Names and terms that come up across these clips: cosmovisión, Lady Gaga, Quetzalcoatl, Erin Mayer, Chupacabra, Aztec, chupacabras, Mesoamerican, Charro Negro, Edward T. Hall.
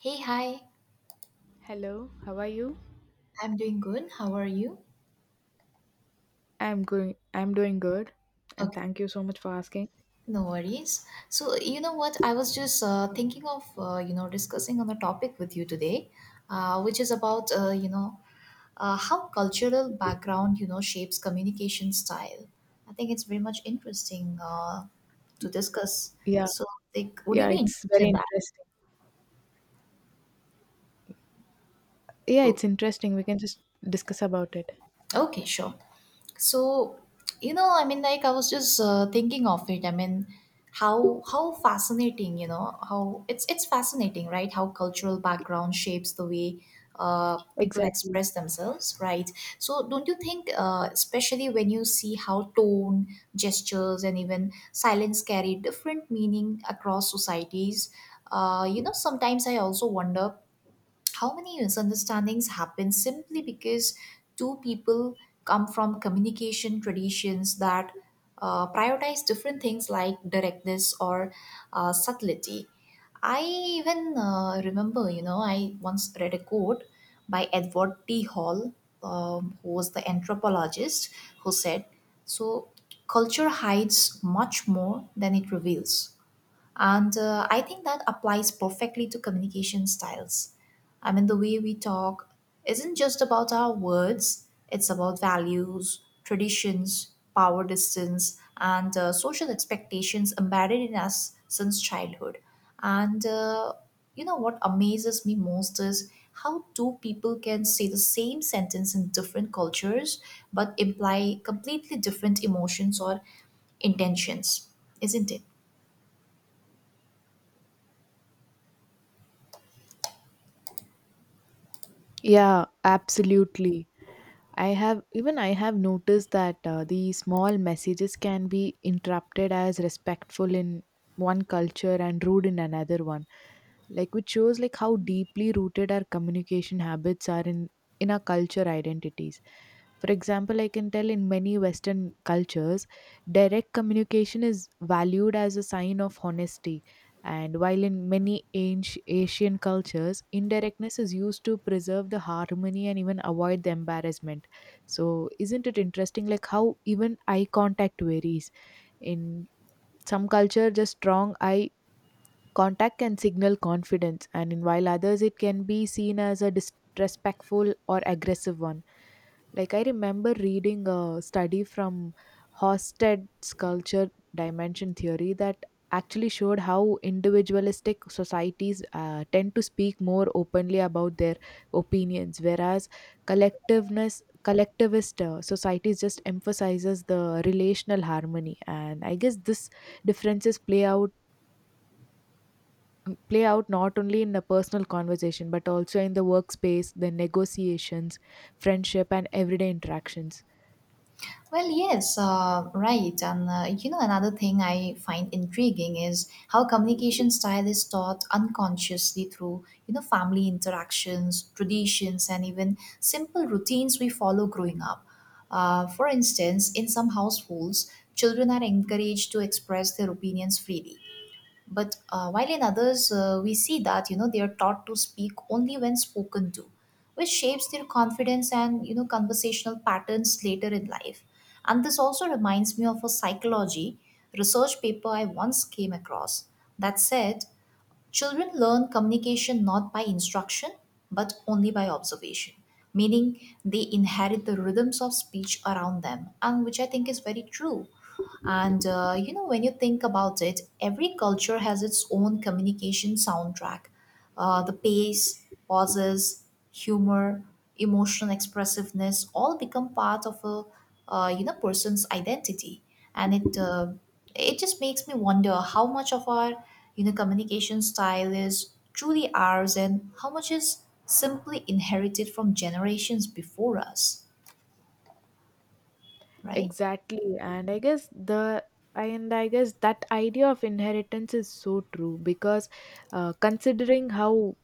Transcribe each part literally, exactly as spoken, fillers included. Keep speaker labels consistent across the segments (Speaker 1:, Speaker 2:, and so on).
Speaker 1: Hey, hi.
Speaker 2: Hello, how are you?
Speaker 1: I'm doing good. How are you?
Speaker 2: I'm going I'm doing good and
Speaker 1: Okay,
Speaker 2: thank you so much for asking.
Speaker 1: no worries. So, you know what? I was just uh, thinking of, uh, you know, discussing on a topic with you today, uh, which is about, uh, you know, uh, how cultural background, you know, shapes communication style. I think it's very much interesting uh, to discuss.
Speaker 2: Yeah.
Speaker 1: So, like, would you
Speaker 2: Yeah,
Speaker 1: be
Speaker 2: it's
Speaker 1: interested
Speaker 2: very
Speaker 1: in that?
Speaker 2: interesting. Yeah, it's
Speaker 1: Oh,
Speaker 2: interesting. We can just discuss about it.
Speaker 1: okay, sure. So, you know, I mean, like I was just uh, thinking of it. I mean, how how fascinating, you know, how it's it's fascinating, right? How cultural background shapes the way uh, people
Speaker 2: Exactly.
Speaker 1: express themselves, right? So, don't you think, uh, especially when you see how tone, gestures, and even silence carry different meaning across societies? Uh, you know, sometimes I also wonder how many misunderstandings happen simply because two people come from communication traditions that uh, prioritize different things like directness or uh, subtlety. I even uh, remember, you know, I once read a quote by Edward T. Hall, um, who was the anthropologist, who said, "So culture hides much more than it reveals." And uh, I think that applies perfectly to communication styles. I mean, the way we talk isn't just about our words, it's about values, traditions, power distance, and uh, social expectations embedded in us since childhood. And uh, you know what amazes me most is how two people can say the same sentence in different cultures but imply completely different emotions or intentions, isn't it?
Speaker 2: Yeah, absolutely. I have even I have noticed that uh, the small messages can be interrupted as respectful in one culture and rude in another one. Like which shows like how deeply rooted our communication habits are in in our culture identities. For example, I can tell in many Western cultures, direct communication is valued as a sign of honesty. And while in many anci- Asian cultures, indirectness is used to preserve the harmony and even avoid the embarrassment, so isn't it interesting like how even eye contact varies in some culture, just strong eye contact can signal confidence and in while others it can be seen as a disrespectful or aggressive one. Like I remember reading a study from Hofstede's culture dimension theory that actually showed how individualistic societies uh, tend to speak more openly about their opinions, whereas collectiveness collectivist uh, societies just emphasizes the relational harmony. And I guess this differences play out mm, play out not only in a personal conversation but also in the workspace, the negotiations, friendship and everyday interactions.
Speaker 1: Well, yes, uh, right. And uh, you know, another thing I find intriguing is how communication style is taught unconsciously through, you know, family interactions, traditions, and even simple routines we follow growing up. Uh, for instance, in some households, children are encouraged to express their opinions freely but uh, while in others, uh, we see that you know they are taught to speak only when spoken to, which shapes their confidence and you know conversational patterns later in life. And this also reminds me of a psychology research paper I once came across that said, "Children learn communication not by instruction, but only by observation," meaning they inherit the rhythms of speech around them, and which I think is very true. And uh, you know, when you think about it, every culture has its own communication soundtrack. Uh, the pace, pauses, humor, emotional expressiveness all become part of a uh, you know person's identity, and it uh, it just makes me wonder how much of our you know communication style is truly ours and how much is simply inherited from generations before us, right?
Speaker 2: Exactly. And I guess the and I guess that idea of inheritance is so true because uh, considering how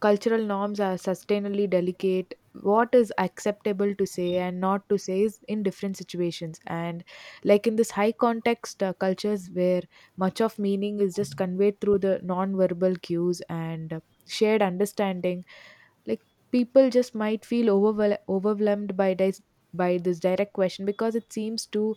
Speaker 2: cultural norms are sustainably delicate, what is acceptable to say and not to say is in different situations. And like in this high context uh, cultures where much of meaning is just conveyed through the non-verbal cues and uh, shared understanding, like people just might feel overwhel- overwhelmed by this by this direct question because it seems too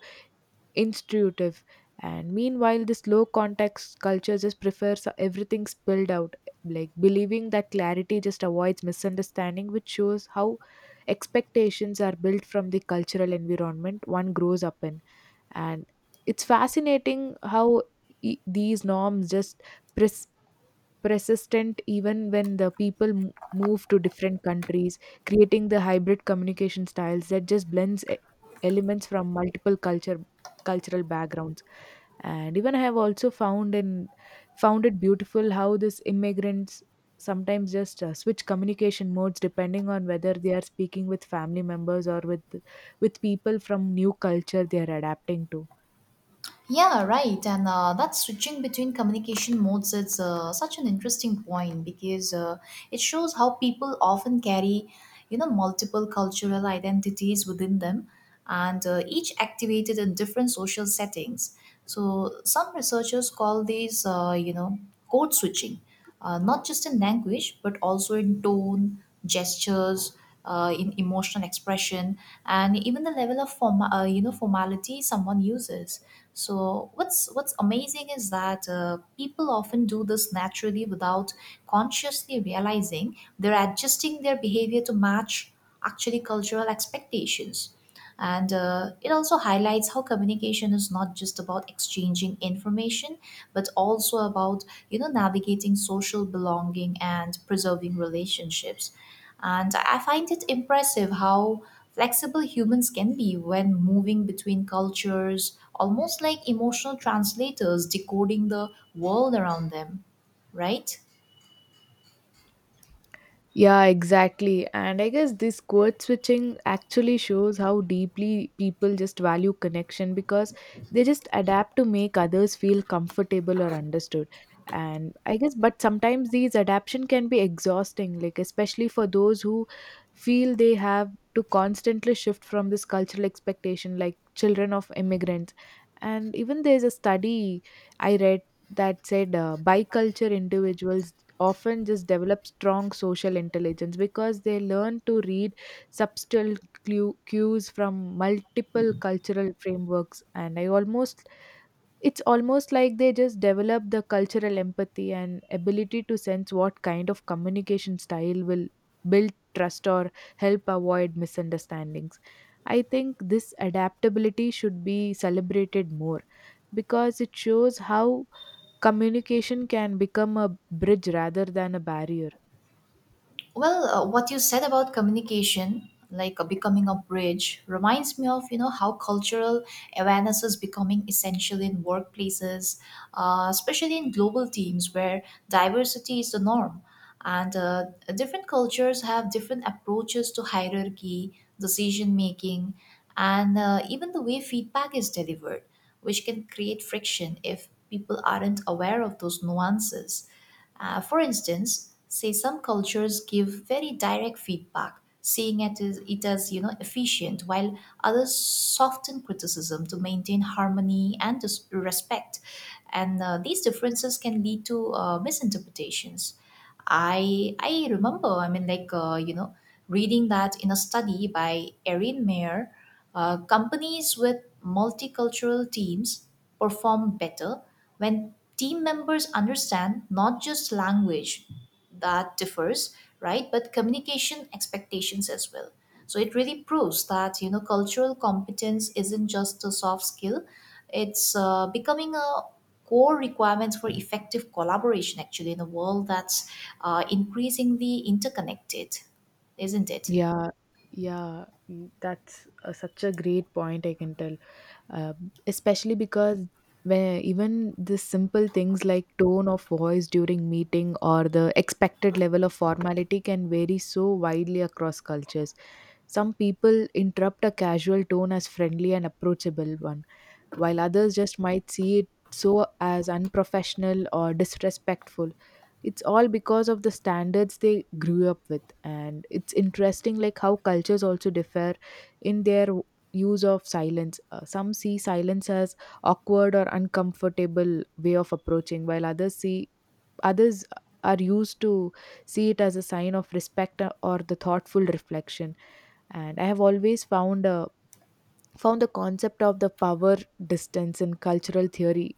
Speaker 2: intuitive. And meanwhile, this low context culture just prefers everything spilled out, like believing that clarity just avoids misunderstanding, which shows how expectations are built from the cultural environment one grows up in. And it's fascinating how e- these norms just pres- persistent even when the people m- move to different countries, creating the hybrid communication styles that just blends e- elements from multiple culture cultural backgrounds. And even I have also found in found it beautiful how this immigrants sometimes just uh, switch communication modes depending on whether they are speaking with family members or with with people from new culture they are adapting to.
Speaker 1: Yeah, right. And uh, that switching between communication modes is uh, such an interesting point because uh, it shows how people often carry, you know, multiple cultural identities within them and uh, each activated in different social settings. So some researchers call these, uh, you know, code switching uh, not just in language, but also in tone, gestures, uh, in emotional expression, and even the level of form, uh, you know, formality someone uses. So what's what's amazing is that uh, people often do this naturally without consciously realizing they're adjusting their behavior to match actually cultural expectations. And uh, it also highlights how communication is not just about exchanging information, but also about, you know, navigating social belonging and preserving relationships. And I I find it impressive how flexible humans can be when moving between cultures, almost like emotional translators decoding the world around them, right?
Speaker 2: Yeah, exactly. And I guess this code switching actually shows how deeply people just value connection because they just adapt to make others feel comfortable or understood. And I guess, but sometimes these adaptation can be exhausting, like especially for those who feel they have to constantly shift from this cultural expectation, like children of immigrants. And even there's a study I read that said uh, biculture individuals often just develop strong social intelligence because they learn to read subtle clue, cues from multiple cultural frameworks. And I almost It's almost like they just develop the cultural empathy and ability to sense what kind of communication style will build trust or help avoid misunderstandings. I think this adaptability should be celebrated more because it shows how communication can become a bridge rather than a barrier.
Speaker 1: Well, uh, what you said about communication, like uh, becoming a bridge, reminds me of you know how cultural awareness is becoming essential in workplaces, uh, especially in global teams where diversity is the norm, and uh, different cultures have different approaches to hierarchy, decision making, and uh, even the way feedback is delivered, which can create friction if people aren't aware of those nuances. Uh, for instance, say some cultures give very direct feedback, seeing it as, it as you know efficient, while others soften criticism to maintain harmony and dis- respect. And uh, these differences can lead to uh, misinterpretations. I I remember. I mean, like uh, you know, reading that in a study by Erin Mayer, uh, companies with multicultural teams perform better when team members understand not just language that differs, right? But communication expectations as well. So it really proves that you know cultural competence isn't just a soft skill; it's uh, becoming a core requirement for effective collaboration. Actually, in a world that's uh, increasingly interconnected, isn't it?
Speaker 2: Yeah, yeah, mm, that's uh, such a great point, I can tell. Uh, Especially because when even the simple things like tone of voice during meeting or the expected level of formality can vary so widely across cultures. Some people interrupt a casual tone as friendly and approachable one while others just might see it so as unprofessional or disrespectful. It's all because of the standards they grew up with, and it's interesting like how cultures also differ in their w- use of silence. Uh, some see silence as awkward or uncomfortable way of approaching while others see others are used to see it as a sign of respect uh, or the thoughtful reflection. And I have always found a found the concept of the power distance in cultural theory.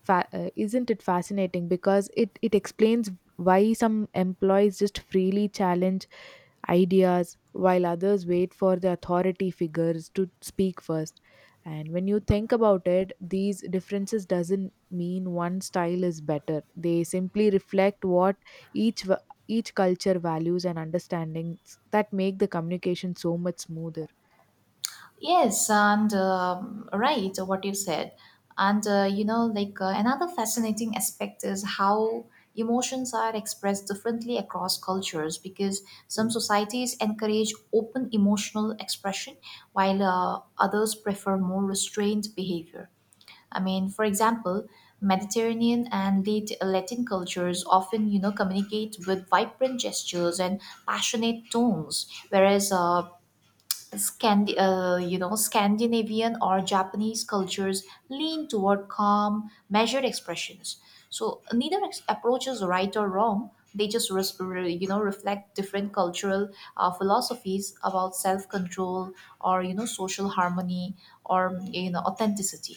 Speaker 2: Fa- uh, isn't it fascinating? Because it, it explains why some employees just freely challenge ideas while others wait for the authority figures to speak first. And when you think about it, these differences doesn't mean one style is better. They simply reflect what each va- each culture values and understandings that make the communication so much smoother.
Speaker 1: Yes, and um, right, what you said. And uh, you know, like uh, another fascinating aspect is how emotions are expressed differently across cultures because some societies encourage open emotional expression while uh, others prefer more restrained behavior. I mean, for example, Mediterranean and Lat- Latin cultures often, you know, communicate with vibrant gestures and passionate tones, whereas uh, Scandi- uh, you know, Scandinavian or Japanese cultures lean toward calm, measured expressions. So neither ex- approach is right or wrong. They just res- re- you know reflect different cultural uh, philosophies about self-control or you know social harmony or you know authenticity.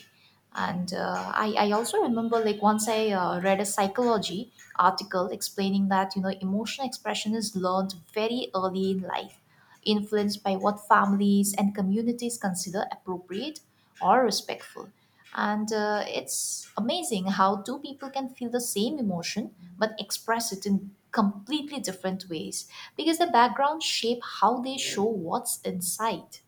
Speaker 1: And uh, I, I also remember like once I uh, read a psychology article explaining that you know emotional expression is learned very early in life, influenced by what families and communities consider appropriate or respectful. And uh, it's amazing how two people can feel the same emotion but express it in completely different ways because the background shape how they show what's inside.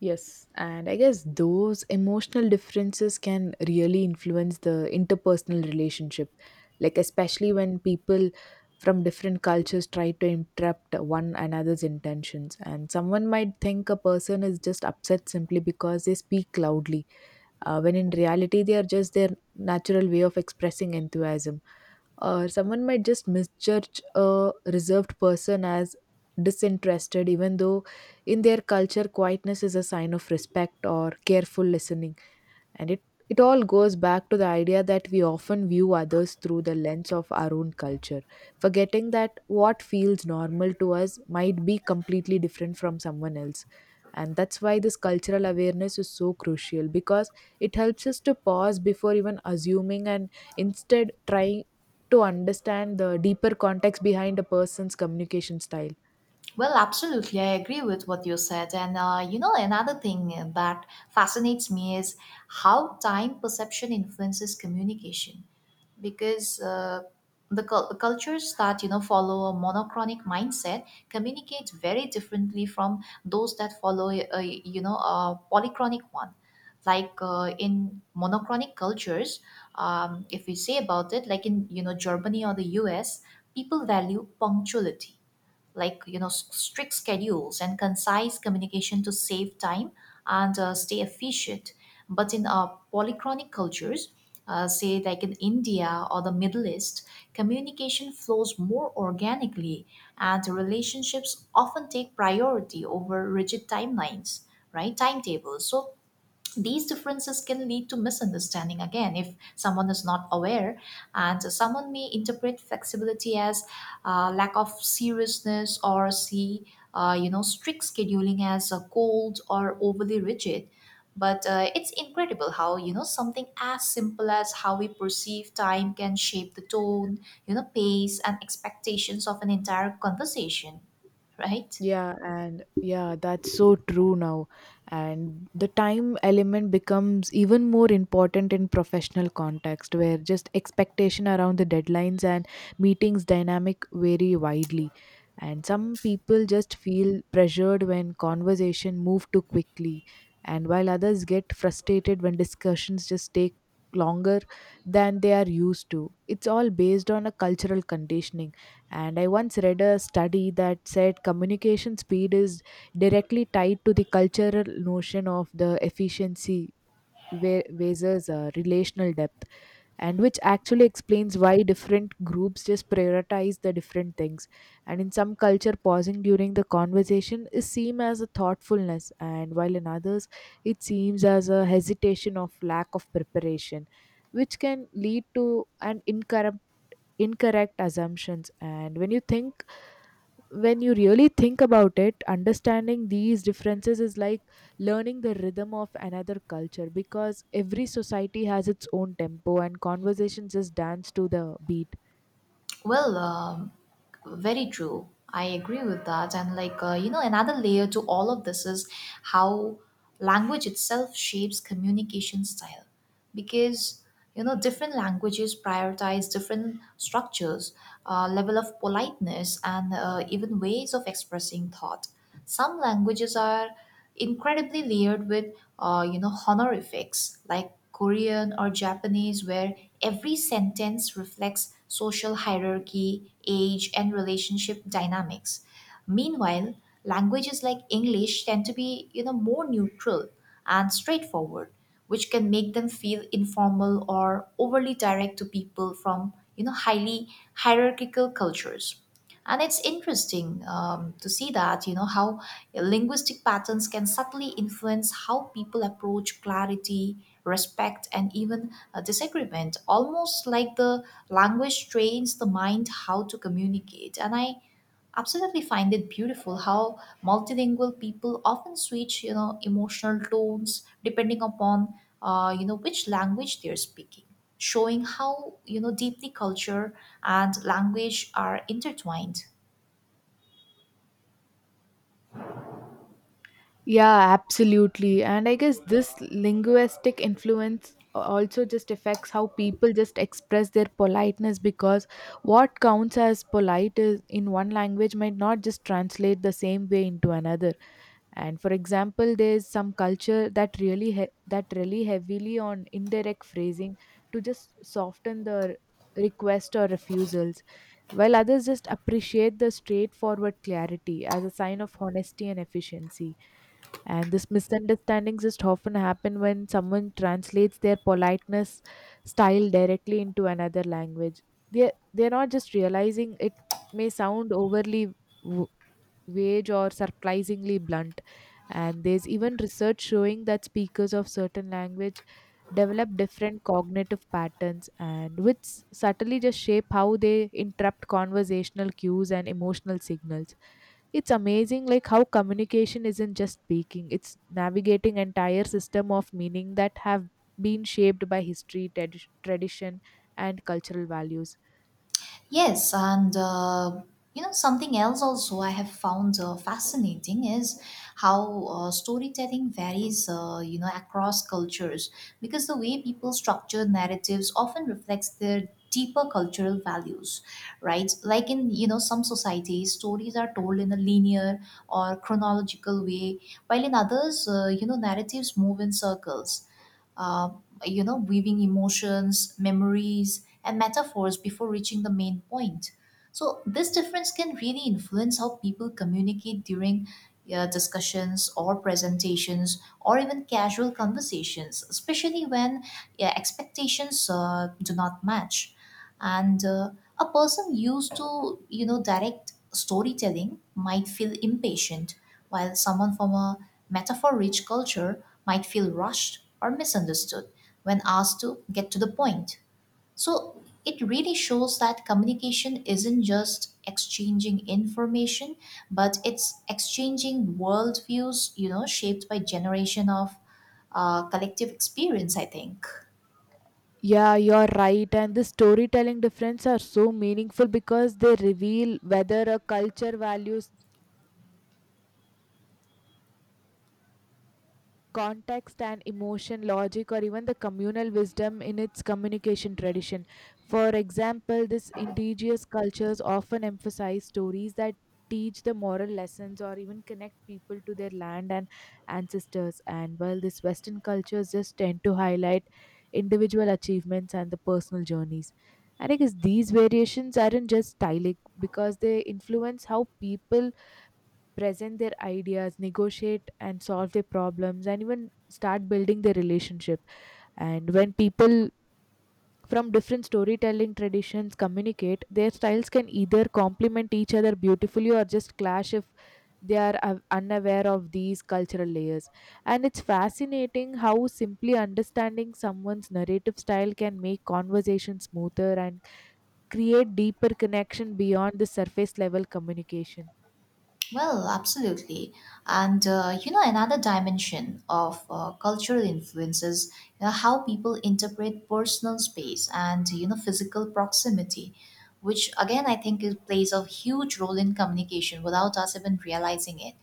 Speaker 2: Yes, and I guess those emotional differences can really influence the interpersonal relationship, like especially when people from different cultures try to interrupt one another's intentions. And someone might think a person is just upset simply because they speak loudly, uh, when in reality they are just their natural way of expressing enthusiasm, or someone might just misjudge a reserved person as disinterested even though in their culture quietness is a sign of respect or careful listening. And it, it all goes back to the idea that we often view others through the lens of our own culture, forgetting that what feels normal to us might be completely different from someone else. And that's why this cultural awareness is so crucial because it helps us to pause before even assuming and instead trying to understand the deeper context behind a person's communication style.
Speaker 1: Well, absolutely. I agree with what you said. And, uh, you know, another thing that fascinates me is how time perception influences communication. Because uh, the cul- cultures that, you know, follow a monochronic mindset communicate very differently from those that follow a, you know, a polychronic one. Like uh, in monochronic cultures, um, if we say about it, like in, you know, Germany or the U S, people value punctuality, like you know s- strict schedules and concise communication to save time and uh, stay efficient, but in uh, polychronic cultures, uh, say like in India or the Middle East, communication flows more organically and relationships often take priority over rigid timelines, right, timetables. So these differences can lead to misunderstanding again if someone is not aware, and someone may interpret flexibility as uh, lack of seriousness or see uh, you know strict scheduling as uh, cold or overly rigid. But uh, it's incredible how you know something as simple as how we perceive time can shape the tone, you know pace and expectations of an entire conversation, right?
Speaker 2: Yeah, and yeah, that's so true now. And the time element becomes even more important in professional context where just expectation around the deadlines and meetings dynamic vary widely. And some people just feel pressured when conversation move too quickly, and while others get frustrated when discussions just take longer than they are used to. It's all based on a cultural conditioning. And I once read a study that said communication speed is directly tied to the cultural notion of the efficiency ver- versus uh, relational depth, and which actually explains why different groups just prioritize the different things. And in some culture, pausing during the conversation is seen as a thoughtfulness, and while in others, it seems as a hesitation of lack of preparation, which can lead to an incorrect incorrect assumptions. And when you think when you really think about it, understanding these differences is like learning the rhythm of another culture because every society has its own tempo and conversations just dance to the beat.
Speaker 1: Well, um, very true. I agree with that. And, like, uh, you know, another layer to all of this is how language itself shapes communication style because you know different languages prioritize different structures, uh, level of politeness and uh, even ways of expressing thought. Some languages are incredibly layered with uh, you know honorifics like Korean or Japanese, where every sentence reflects social hierarchy, age and relationship dynamics. Meanwhile, languages like English tend to be you know more neutral and straightforward, which can make them feel informal or overly direct to people from you know highly hierarchical cultures. And it's interesting um, to see that you know how linguistic patterns can subtly influence how people approach clarity, respect and even uh, disagreement, almost like the language trains the mind how to communicate. And I absolutely find it beautiful how multilingual people often switch you know emotional tones depending upon uh, you know which language they're speaking, showing how you know deeply culture and language are intertwined.
Speaker 2: Yeah, absolutely. And I guess this linguistic influence also just affects how people just express their politeness because what counts as polite is in one language might not just translate the same way into another. And for example there's some culture that really he- that really heavily on indirect phrasing to just soften the request or refusals, while others just appreciate the straightforward clarity as a sign of honesty and efficiency. And this misunderstandings just often happen when someone translates their politeness style directly into another language. They they're they're not just realizing it may sound overly vague or surprisingly blunt. And there's even research showing that speakers of certain language develop different cognitive patterns and which subtly just shape how they interrupt conversational cues and emotional signals. It's amazing like how communication isn't just speaking, it's navigating entire system of meaning that have been shaped by history, tradi- tradition and cultural values.
Speaker 1: Yes, and uh, you know something else also I have found uh, fascinating is how uh, storytelling varies, uh, you know, across cultures because the way people structure narratives often reflects their deeper cultural values, right? Like in you know some societies, stories are told in a linear or chronological way, while in others, uh, you know, narratives move in circles, uh, you know, weaving emotions, memories, and metaphors before reaching the main point. So, this difference can really influence how people communicate during uh, discussions or presentations or even casual conversations, especially when, yeah, expectations uh, do not match. And uh, a person used to, you know, direct storytelling might feel impatient, while someone from a metaphor rich culture might feel rushed or misunderstood when asked to get to the point. So it really shows that communication isn't just exchanging information, but it's exchanging worldviews, you know, shaped by generation of uh, collective experience, I think.
Speaker 2: Yeah, you're right. And the storytelling difference are so meaningful because they reveal whether a culture values context and emotion, logic, or even the communal wisdom in its communication tradition. For example, these indigenous cultures often emphasize stories that teach the moral lessons or even connect people to their land and ancestors. And while these Western cultures just tend to highlight individual achievements and the personal journeys. And I guess these variations aren't just stylic because they influence how people present their ideas, negotiate and solve their problems, and even start building their relationship. And when people from different storytelling traditions communicate, their styles can either complement each other beautifully or just clash if they are uh, unaware of these cultural layers. And it's fascinating how simply understanding someone's narrative style can make conversation smoother and create deeper connection beyond the surface level communication.
Speaker 1: Well, absolutely. And uh, you know, another dimension of uh, cultural influences, you know, how people interpret personal space and you know physical proximity, which again I think it plays a huge role in communication without us even realizing it.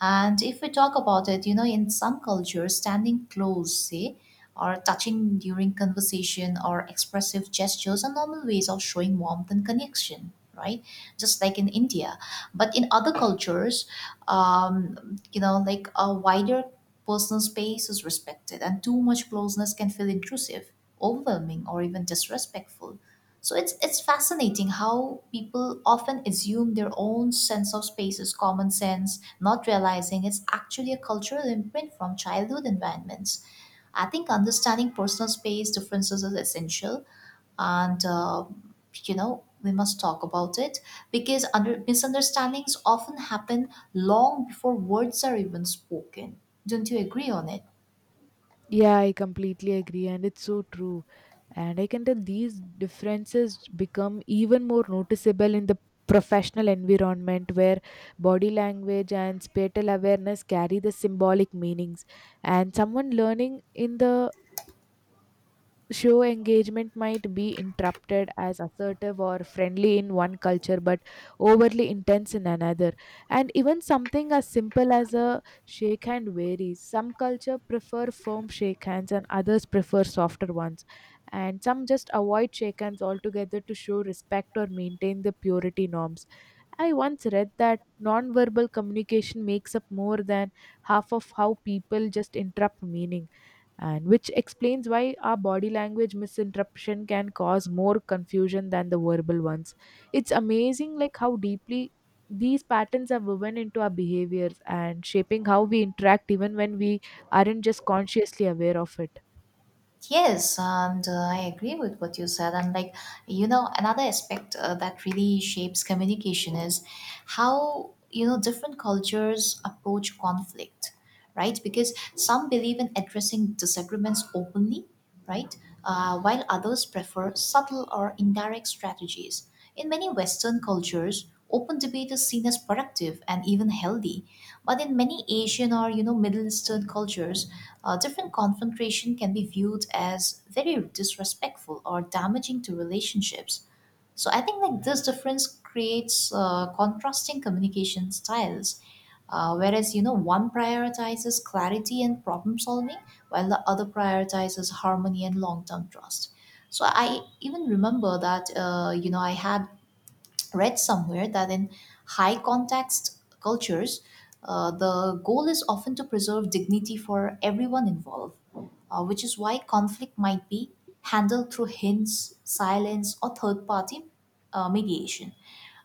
Speaker 1: And if we talk about it, you know, in some cultures, standing close, say, or touching during conversation or expressive gestures are normal ways of showing warmth and connection, right? Just like in India. But in other cultures, um, you know, like a wider personal space is respected, and too much closeness can feel intrusive, overwhelming, or even disrespectful. So it's it's fascinating how people often assume their own sense of space is common sense, not realizing it's actually a cultural imprint from childhood environments. I think understanding personal space differences is essential, and uh, you know, we must talk about it because under misunderstandings often happen long before words are even spoken. Don't you agree on it?
Speaker 2: Yeah, I completely agree, and it's so true. And I can tell these differences become even more noticeable in the professional environment where body language and spatial awareness carry the symbolic meanings. And someone learning in the show engagement might be interrupted as assertive or friendly in one culture but overly intense in another, and even something as simple as a shake hand varies. Some culture prefer firm shake hands and others prefer softer ones, and some just avoid shake hands altogether to show respect or maintain the purity norms. I once read that non-verbal communication makes up more than half of how people just interrupt meaning, and which explains why our body language misinterpretation can cause more confusion than the verbal ones. It's amazing like how deeply these patterns are woven into our behaviors and shaping how we interact even when we aren't just consciously aware of it.
Speaker 1: Yes, and uh, I agree with what you said. And like, you know, another aspect uh, that really shapes communication is how, you know, different cultures approach conflict, right? Because some believe in addressing disagreements openly, right? Uh, while others prefer subtle or indirect strategies. In many Western cultures, open debate is seen as productive and even healthy. But in many Asian or, you know, Middle Eastern cultures, uh, different confrontation can be viewed as very disrespectful or damaging to relationships. So I think like this difference creates uh, contrasting communication styles. Uh, whereas you know one prioritizes clarity and problem solving, while the other prioritizes harmony and long-term trust. So I even remember that uh, you know I had read somewhere that in high context cultures, uh, the goal is often to preserve dignity for everyone involved, uh, which is why conflict might be handled through hints, silence, or third party uh, mediation.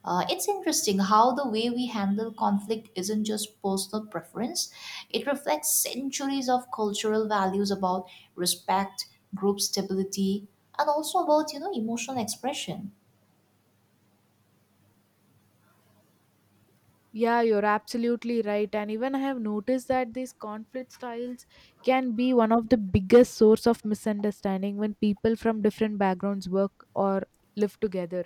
Speaker 1: Uh, it's interesting how the way we handle conflict isn't just personal preference, it reflects centuries of cultural values about respect, group stability, and also about you know emotional expression.
Speaker 2: Yeah, you're absolutely right, and even I have noticed that these conflict styles can be one of the biggest source of misunderstanding when people from different backgrounds work or live together.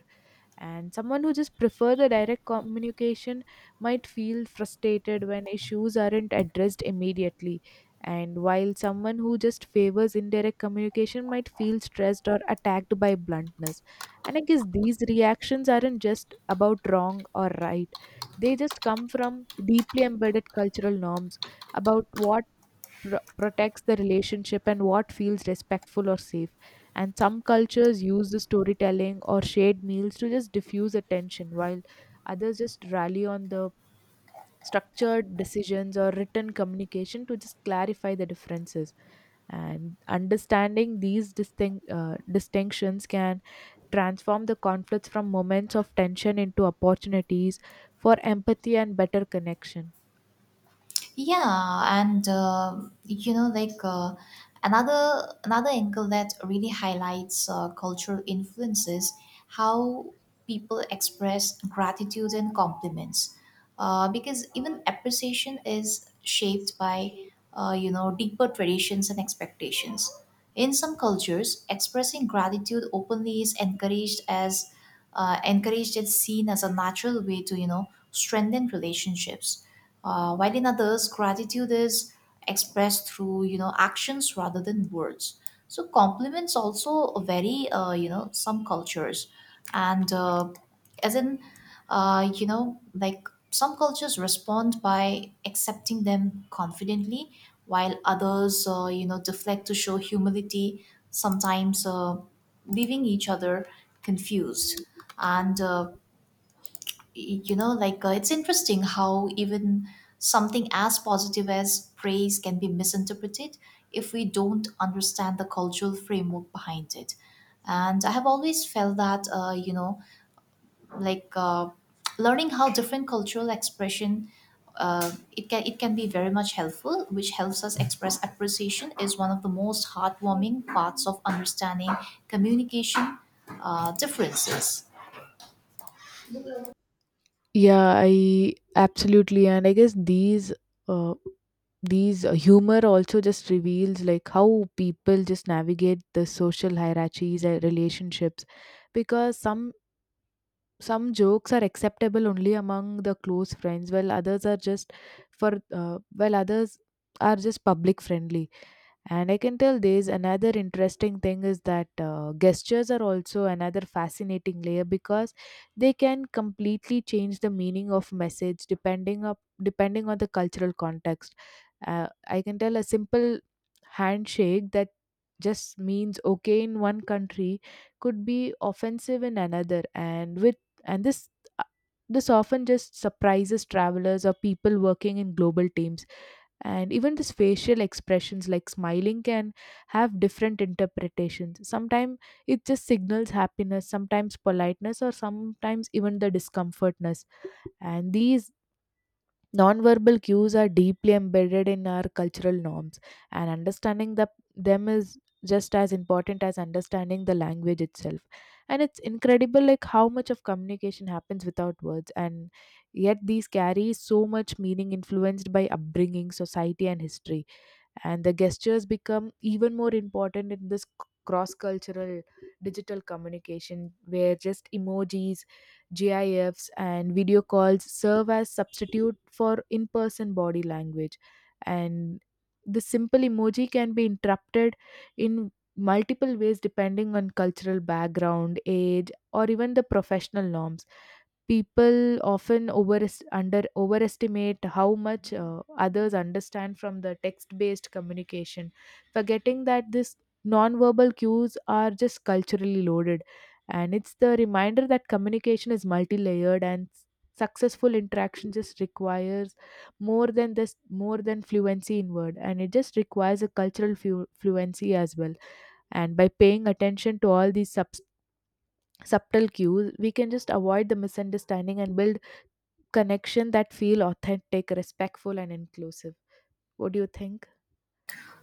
Speaker 2: And someone who just prefer the direct communication might feel frustrated when issues aren't addressed immediately, and while someone who just favors indirect communication might feel stressed or attacked by bluntness. And I guess these reactions aren't just about wrong or right, they just come from deeply embedded cultural norms about what pro- protects the relationship and what feels respectful or safe. And some cultures use the storytelling or shared meals to just diffuse attention, while others just rally on the structured decisions or written communication to just clarify the differences. And understanding these distinct, uh, distinctions can transform the conflicts from moments of tension into opportunities for empathy and better connection.
Speaker 1: Yeah, and um you know, like uh, another another angle that really highlights uh, cultural influences how people express gratitude and compliments, uh, because even appreciation is shaped by uh, you know deeper traditions and expectations. In some cultures, expressing gratitude openly is encouraged as uh, encouraged and seen as a natural way to you know strengthen relationships, uh, while in others, gratitude is expressed through you know actions rather than words. So compliments also a very uh, you know some cultures, and uh, as in uh, you know like some cultures respond by accepting them confidently, while others uh, you know deflect to show humility. Sometimes uh, leaving each other confused and. Uh, You know like uh, it's interesting how even something as positive as praise can be misinterpreted if we don't understand the cultural framework behind it. And I have always felt that uh, you know like uh, learning how different cultural expression uh, it can it can be very much helpful, which helps us express appreciation is one of the most heartwarming parts of understanding communication uh, differences.
Speaker 2: Yeah, I absolutely, and I guess these uh, these uh, humor also just reveals like how people just navigate the social hierarchies and relationships, because some some jokes are acceptable only among the close friends, while others are just for uh, while others are just public friendly. And I can tell there's another interesting thing is that uh, gestures are also another fascinating layer because they can completely change the meaning of message depending up depending on the cultural context. Uh, I can tell a simple handshake that just means okay in one country could be offensive in another, and with and this uh, this often just surprises travelers or people working in global teams. And even this facial expressions like smiling can have different interpretations. Sometimes it just signals happiness, sometimes politeness, or sometimes even the discomfortness. And these nonverbal cues are deeply embedded in our cultural norms, and understanding the, them is just as important as understanding the language itself. And it's incredible like how much of communication happens without words, and yet these carry so much meaning influenced by upbringing, society, and history. And the gestures become even more important in this cross cultural digital communication where just emojis, gifs, and video calls serve as substitute for in person body language. And the simple emoji can be interrupted in multiple ways depending on cultural background, age, or even the professional norms. People often over under overestimate how much uh, others understand from the text based communication, forgetting that these non-verbal cues are just culturally loaded. And it's the reminder that communication is multi-layered, and s- successful interaction just requires more than this more than fluency in word, and it just requires a cultural flu- fluency as well. And by paying attention to all these subs subtle cues, we can just avoid the misunderstanding and build connection that feel authentic, respectful, and inclusive. What do you think?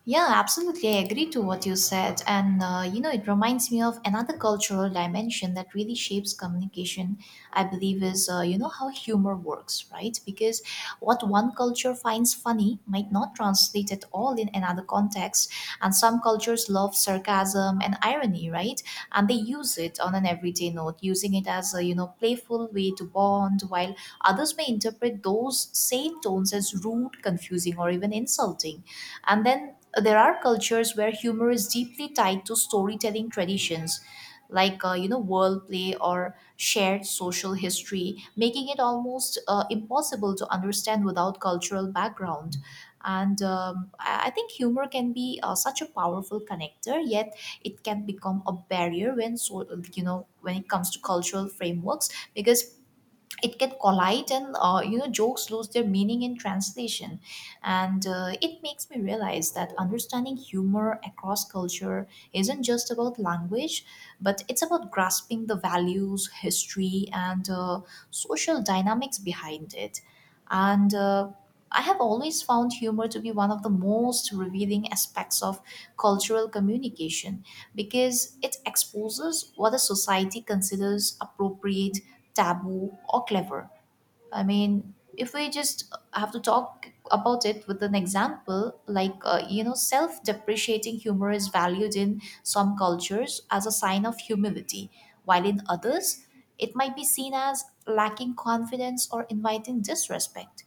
Speaker 1: Yeah, absolutely. I agree to what you said. And, uh, you know, it reminds me of another cultural dimension that really shapes communication, I believe, is, uh, you know, how humor works, right? Because what one culture finds funny might not translate at all in another context. And some cultures love sarcasm and irony, right? And they use it on an everyday note, using it as a, you know, playful way to bond, while others may interpret those same tones as rude, confusing, or even insulting. And then there are cultures where humor is deeply tied to storytelling traditions, like uh, you know world play or shared social history, making it almost uh, impossible to understand without cultural background. And um, i I think humor can be uh, such a powerful connector, yet it can become a barrier when so, you know, when it comes to cultural frameworks, because it can collide and uh, you know jokes lose their meaning in translation. And uh, it makes me realize that understanding humor across culture isn't just about language, but it's about grasping the values, history, and uh, social dynamics behind it. And uh, I have always found humor to be one of the most revealing aspects of cultural communication because it exposes what a society considers appropriate, taboo, or clever. I mean, if we just have to talk about it with an example, like, uh, you know, self depreciating humor is valued in some cultures as a sign of humility, while in others, it might be seen as lacking confidence or inviting disrespect.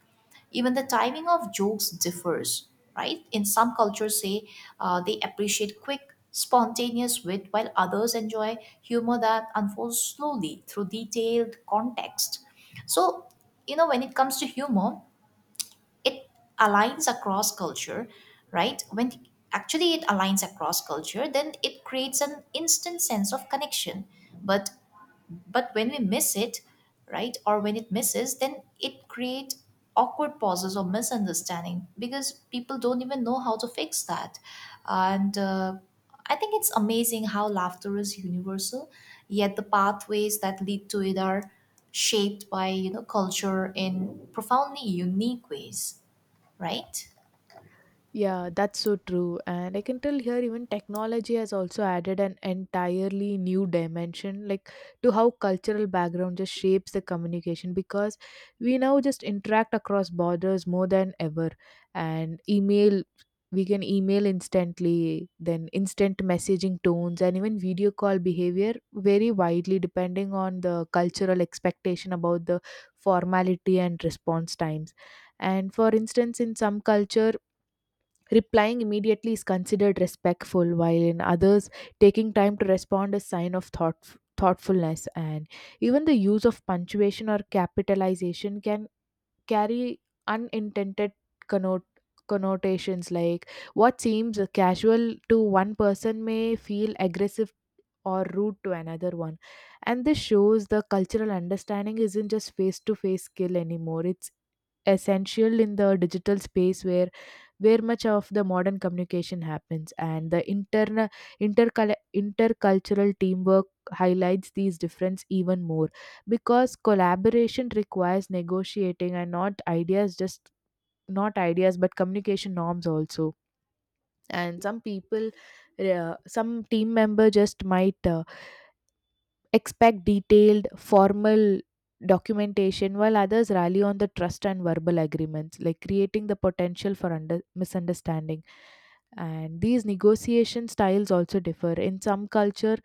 Speaker 1: Even the timing of jokes differs, right? In some cultures say uh, they appreciate quick spontaneous wit, while others enjoy humor that unfolds slowly through detailed context. So, you know, when it comes to humor, it aligns across culture, right? When actually it aligns across culture, then it creates an instant sense of connection. But but when we miss it, right, or when it misses, then it creates awkward pauses or misunderstanding because people don't even know how to fix that. And uh, I think it's amazing how laughter is universal, yet the pathways that lead to it are shaped by you know culture in profoundly unique ways, right?
Speaker 2: Yeah, that's so true. And I can tell here even technology has also added an entirely new dimension, like to how cultural background just shapes the communication, because we now just interact across borders more than ever. And email, we can email instantly, then instant messaging tones, and even video call behavior vary widely depending on the cultural expectation about the formality and response times. And for instance, in some culture, replying immediately is considered respectful, while in others, taking time to respond is sign of thought, thoughtfulness. And even the use of punctuation or capitalization can carry unintended connotations. Connotations like what seems casual to one person may feel aggressive or rude to another one. And this shows the cultural understanding isn't just face to face skill anymore, it's essential in the digital space where where much of the modern communication happens. And the interna intercul- intercultural teamwork highlights these difference even more, because collaboration requires negotiating and not ideas just not ideas but communication norms also. And some people, uh, some team member just might uh, expect detailed, formal documentation, while others rally on the trust and verbal agreements, like creating the potential for under- misunderstanding. And these negotiation styles also differ. In some culture,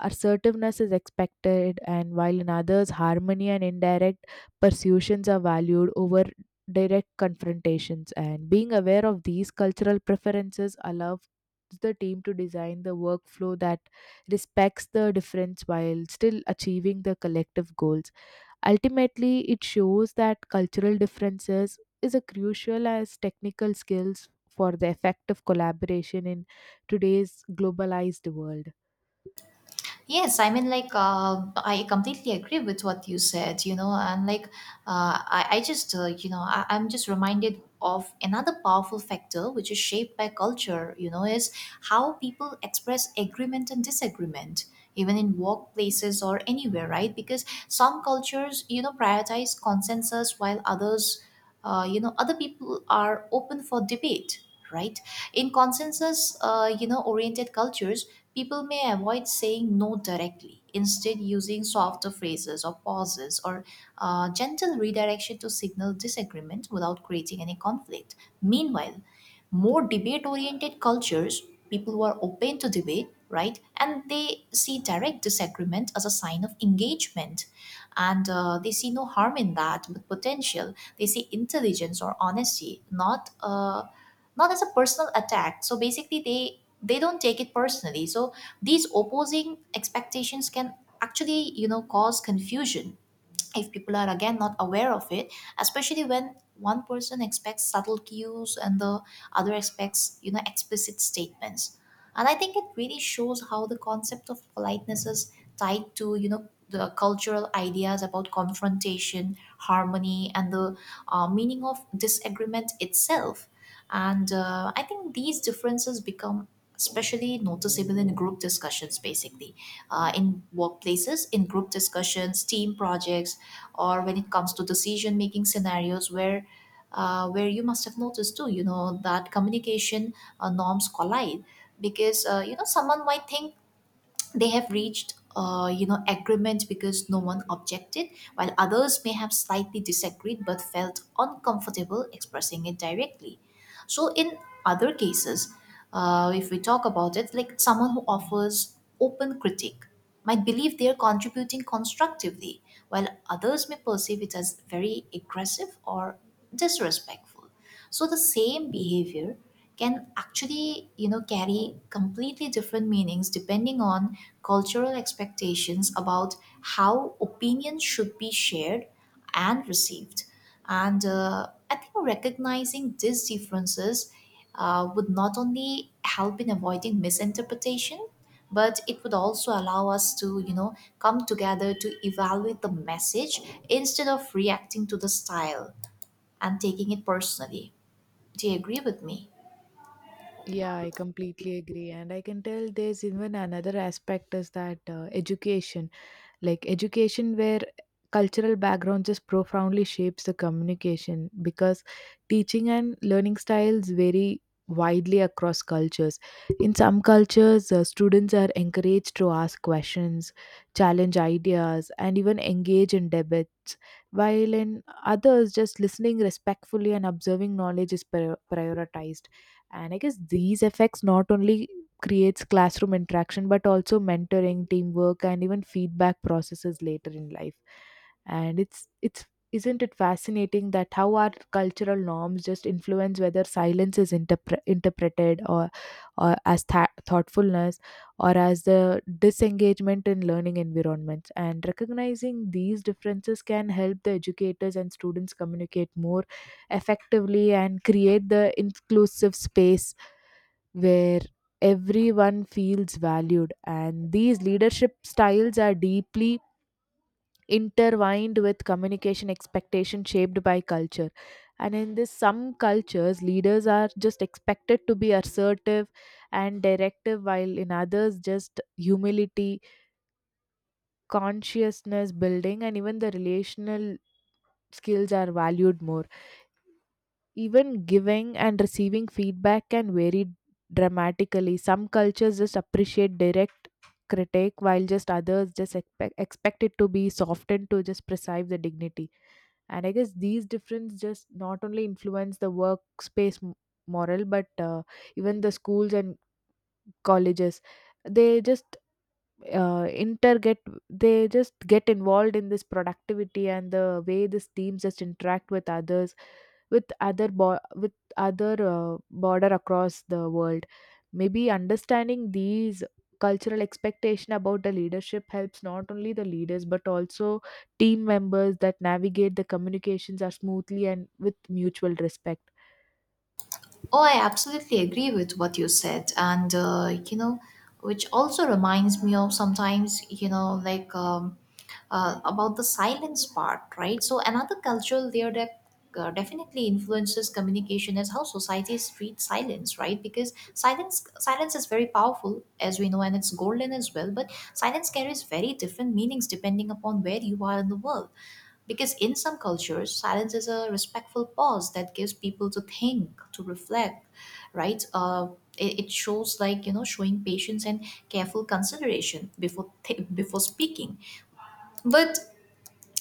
Speaker 2: assertiveness is expected, and while in others, harmony and indirect persuasions are valued over direct confrontations. And being aware of these cultural preferences allows the team to design the workflow that respects the difference while still achieving the collective goals. Ultimately, it shows that cultural differences is a crucial as technical skills for the effective collaboration in today's globalized world.
Speaker 1: Yes, I mean, like, uh, I completely agree with what you said, you know, and like, uh, I, I just, uh, you know, I, I'm just reminded of another powerful factor which is shaped by culture, you know, is how people express agreement and disagreement, even in workplaces or anywhere, right? Because some cultures, you know, prioritize consensus while others, uh, you know, other people are open for debate, right? In consensus, uh, you know, oriented cultures, people may avoid saying no directly, instead, using softer phrases or pauses or uh, gentle redirection to signal disagreement without creating any conflict. Meanwhile, more debate oriented cultures, people who are open to debate, right, and they see direct disagreement as a sign of engagement. And uh, they see no harm in that, but potential. They see intelligence or honesty, not uh, not as a personal attack. So basically they they don't take it personally. So these opposing expectations can actually, you know, cause confusion if people are again not aware of it, especially when one person expects subtle cues and the other expects you know explicit statements. And I think it really shows how the concept of politeness is tied to you know the cultural ideas about confrontation, harmony, and the uh, meaning of disagreement itself. And uh, I think these differences become especially noticeable in group discussions, basically, uh, in workplaces, in group discussions, team projects, or when it comes to decision making scenarios where. Uh, where you must have noticed too, you know, that communication uh, norms collide because, uh, you know, someone might think they have reached, uh, you know, agreement because no one objected, while others may have slightly disagreed but felt uncomfortable expressing it directly. So in other cases, uh, if we talk about it, like someone who offers open critique might believe they are contributing constructively, while others may perceive it as very aggressive or disrespectful. So the same behavior can actually, you know, carry completely different meanings depending on cultural expectations about how opinions should be shared and received. And uh, I think recognizing these differences uh, would not only help in avoiding misinterpretation, but it would also allow us to, you know, come together to evaluate the message instead of reacting to the style and taking it personally. Do you agree with me?
Speaker 2: Yeah, I completely agree. And I can tell there's even another aspect is that uh, education. Like education where cultural background just profoundly shapes the communication, because teaching and learning styles vary widely across cultures. In some cultures, uh, students are encouraged to ask questions, challenge ideas, and even engage in debates, while in others just listening respectfully and observing knowledge is pri- prioritized. And I guess these effects not only creates classroom interaction but also mentoring, teamwork, and even feedback processes later in life. And it's it's isn't it fascinating that how our cultural norms just influence whether silence is interpre- interpreted or, or as th- thoughtfulness or as the disengagement in learning environments. And recognizing these differences can help the educators and students communicate more effectively and create the inclusive space where everyone feels valued. And these leadership styles are deeply intertwined with communication expectation shaped by culture. And in this, some cultures, leaders are just expected to be assertive and directive, while in others, just humility, consciousness building, and even the relational skills are valued more. Even giving and receiving feedback can vary dramatically. Some cultures just appreciate direct critique, while just others just expect, expect it to be softened to just preserve the dignity. And I guess these differences just not only influence the workspace m- morale, but uh, even the schools and colleges. They just uh, interget they just get involved in this productivity and the way these teams just interact with others with other bo- with other uh, border across the world. Maybe understanding these cultural expectation about the leadership helps not only the leaders but also team members that navigate the communications are smoothly and with mutual respect.
Speaker 1: Oh, I absolutely agree with what you said. And, uh, you know, which also reminds me of sometimes, you know, like um, uh, about the silence part, right? So, another cultural layer that uh, definitely influences communication is how societies treat silence, right? Because silence silence is very powerful, as we know, and it's golden as well. But silence carries very different meanings depending upon where you are in the world. Because in some cultures, silence is a respectful pause that gives people to think, to reflect, right? Uh, it, it shows like you know showing patience and careful consideration before th- before speaking. But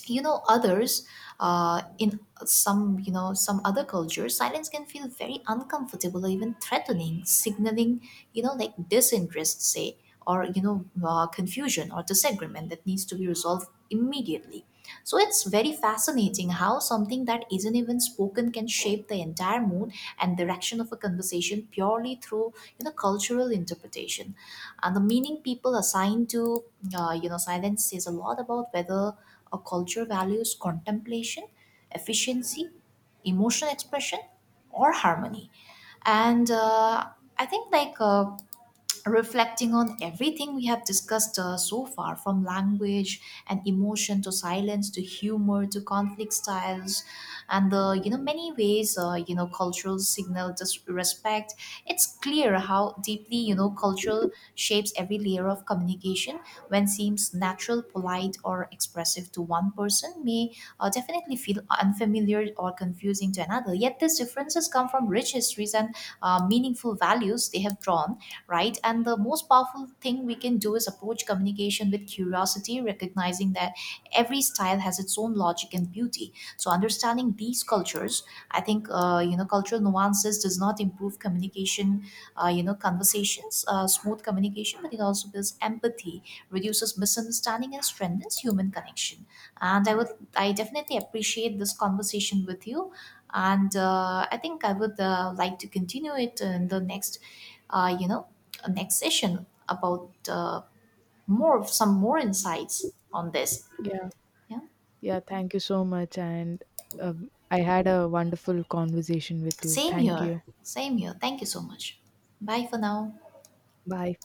Speaker 1: you know others uh, in some you know some other cultures silence can feel very uncomfortable or even threatening, signaling you know like disinterest, say, or you know uh, confusion or disagreement that needs to be resolved immediately. So it's very fascinating how something that isn't even spoken can shape the entire mood and direction of a conversation purely through you know cultural interpretation. And the meaning people assign to uh, you know silence says a lot about whether a culture values contemplation, efficiency, emotional expression, or harmony. And uh, I think like uh, reflecting on everything we have discussed uh, so far, from language and emotion to silence to humor to conflict styles and the you know many ways uh, you know cultural signal just respect, it's clear how deeply you know cultural shapes every layer of communication. When seems natural, polite, or expressive to one person may uh, definitely feel unfamiliar or confusing to another, yet these differences come from rich histories and uh, meaningful values they have drawn, right? And the most powerful thing we can do is approach communication with curiosity, recognizing that every style has its own logic and beauty. So understanding these cultures, I think, uh, you know, cultural nuances does not improve communication, uh, you know, conversations, uh, smooth communication, but it also builds empathy, reduces misunderstanding, and strengthens human connection. And I would, I definitely appreciate this conversation with you. And uh, I think I would uh, like to continue it in the next uh, you know, next session about uh, more some more insights on this.
Speaker 2: Yeah.
Speaker 1: Yeah.
Speaker 2: Yeah, thank you so much, and uh, I had a wonderful conversation with you.
Speaker 1: Same
Speaker 2: Thank
Speaker 1: here.
Speaker 2: you.
Speaker 1: Same here. Thank you so much. Bye for now.
Speaker 2: Bye.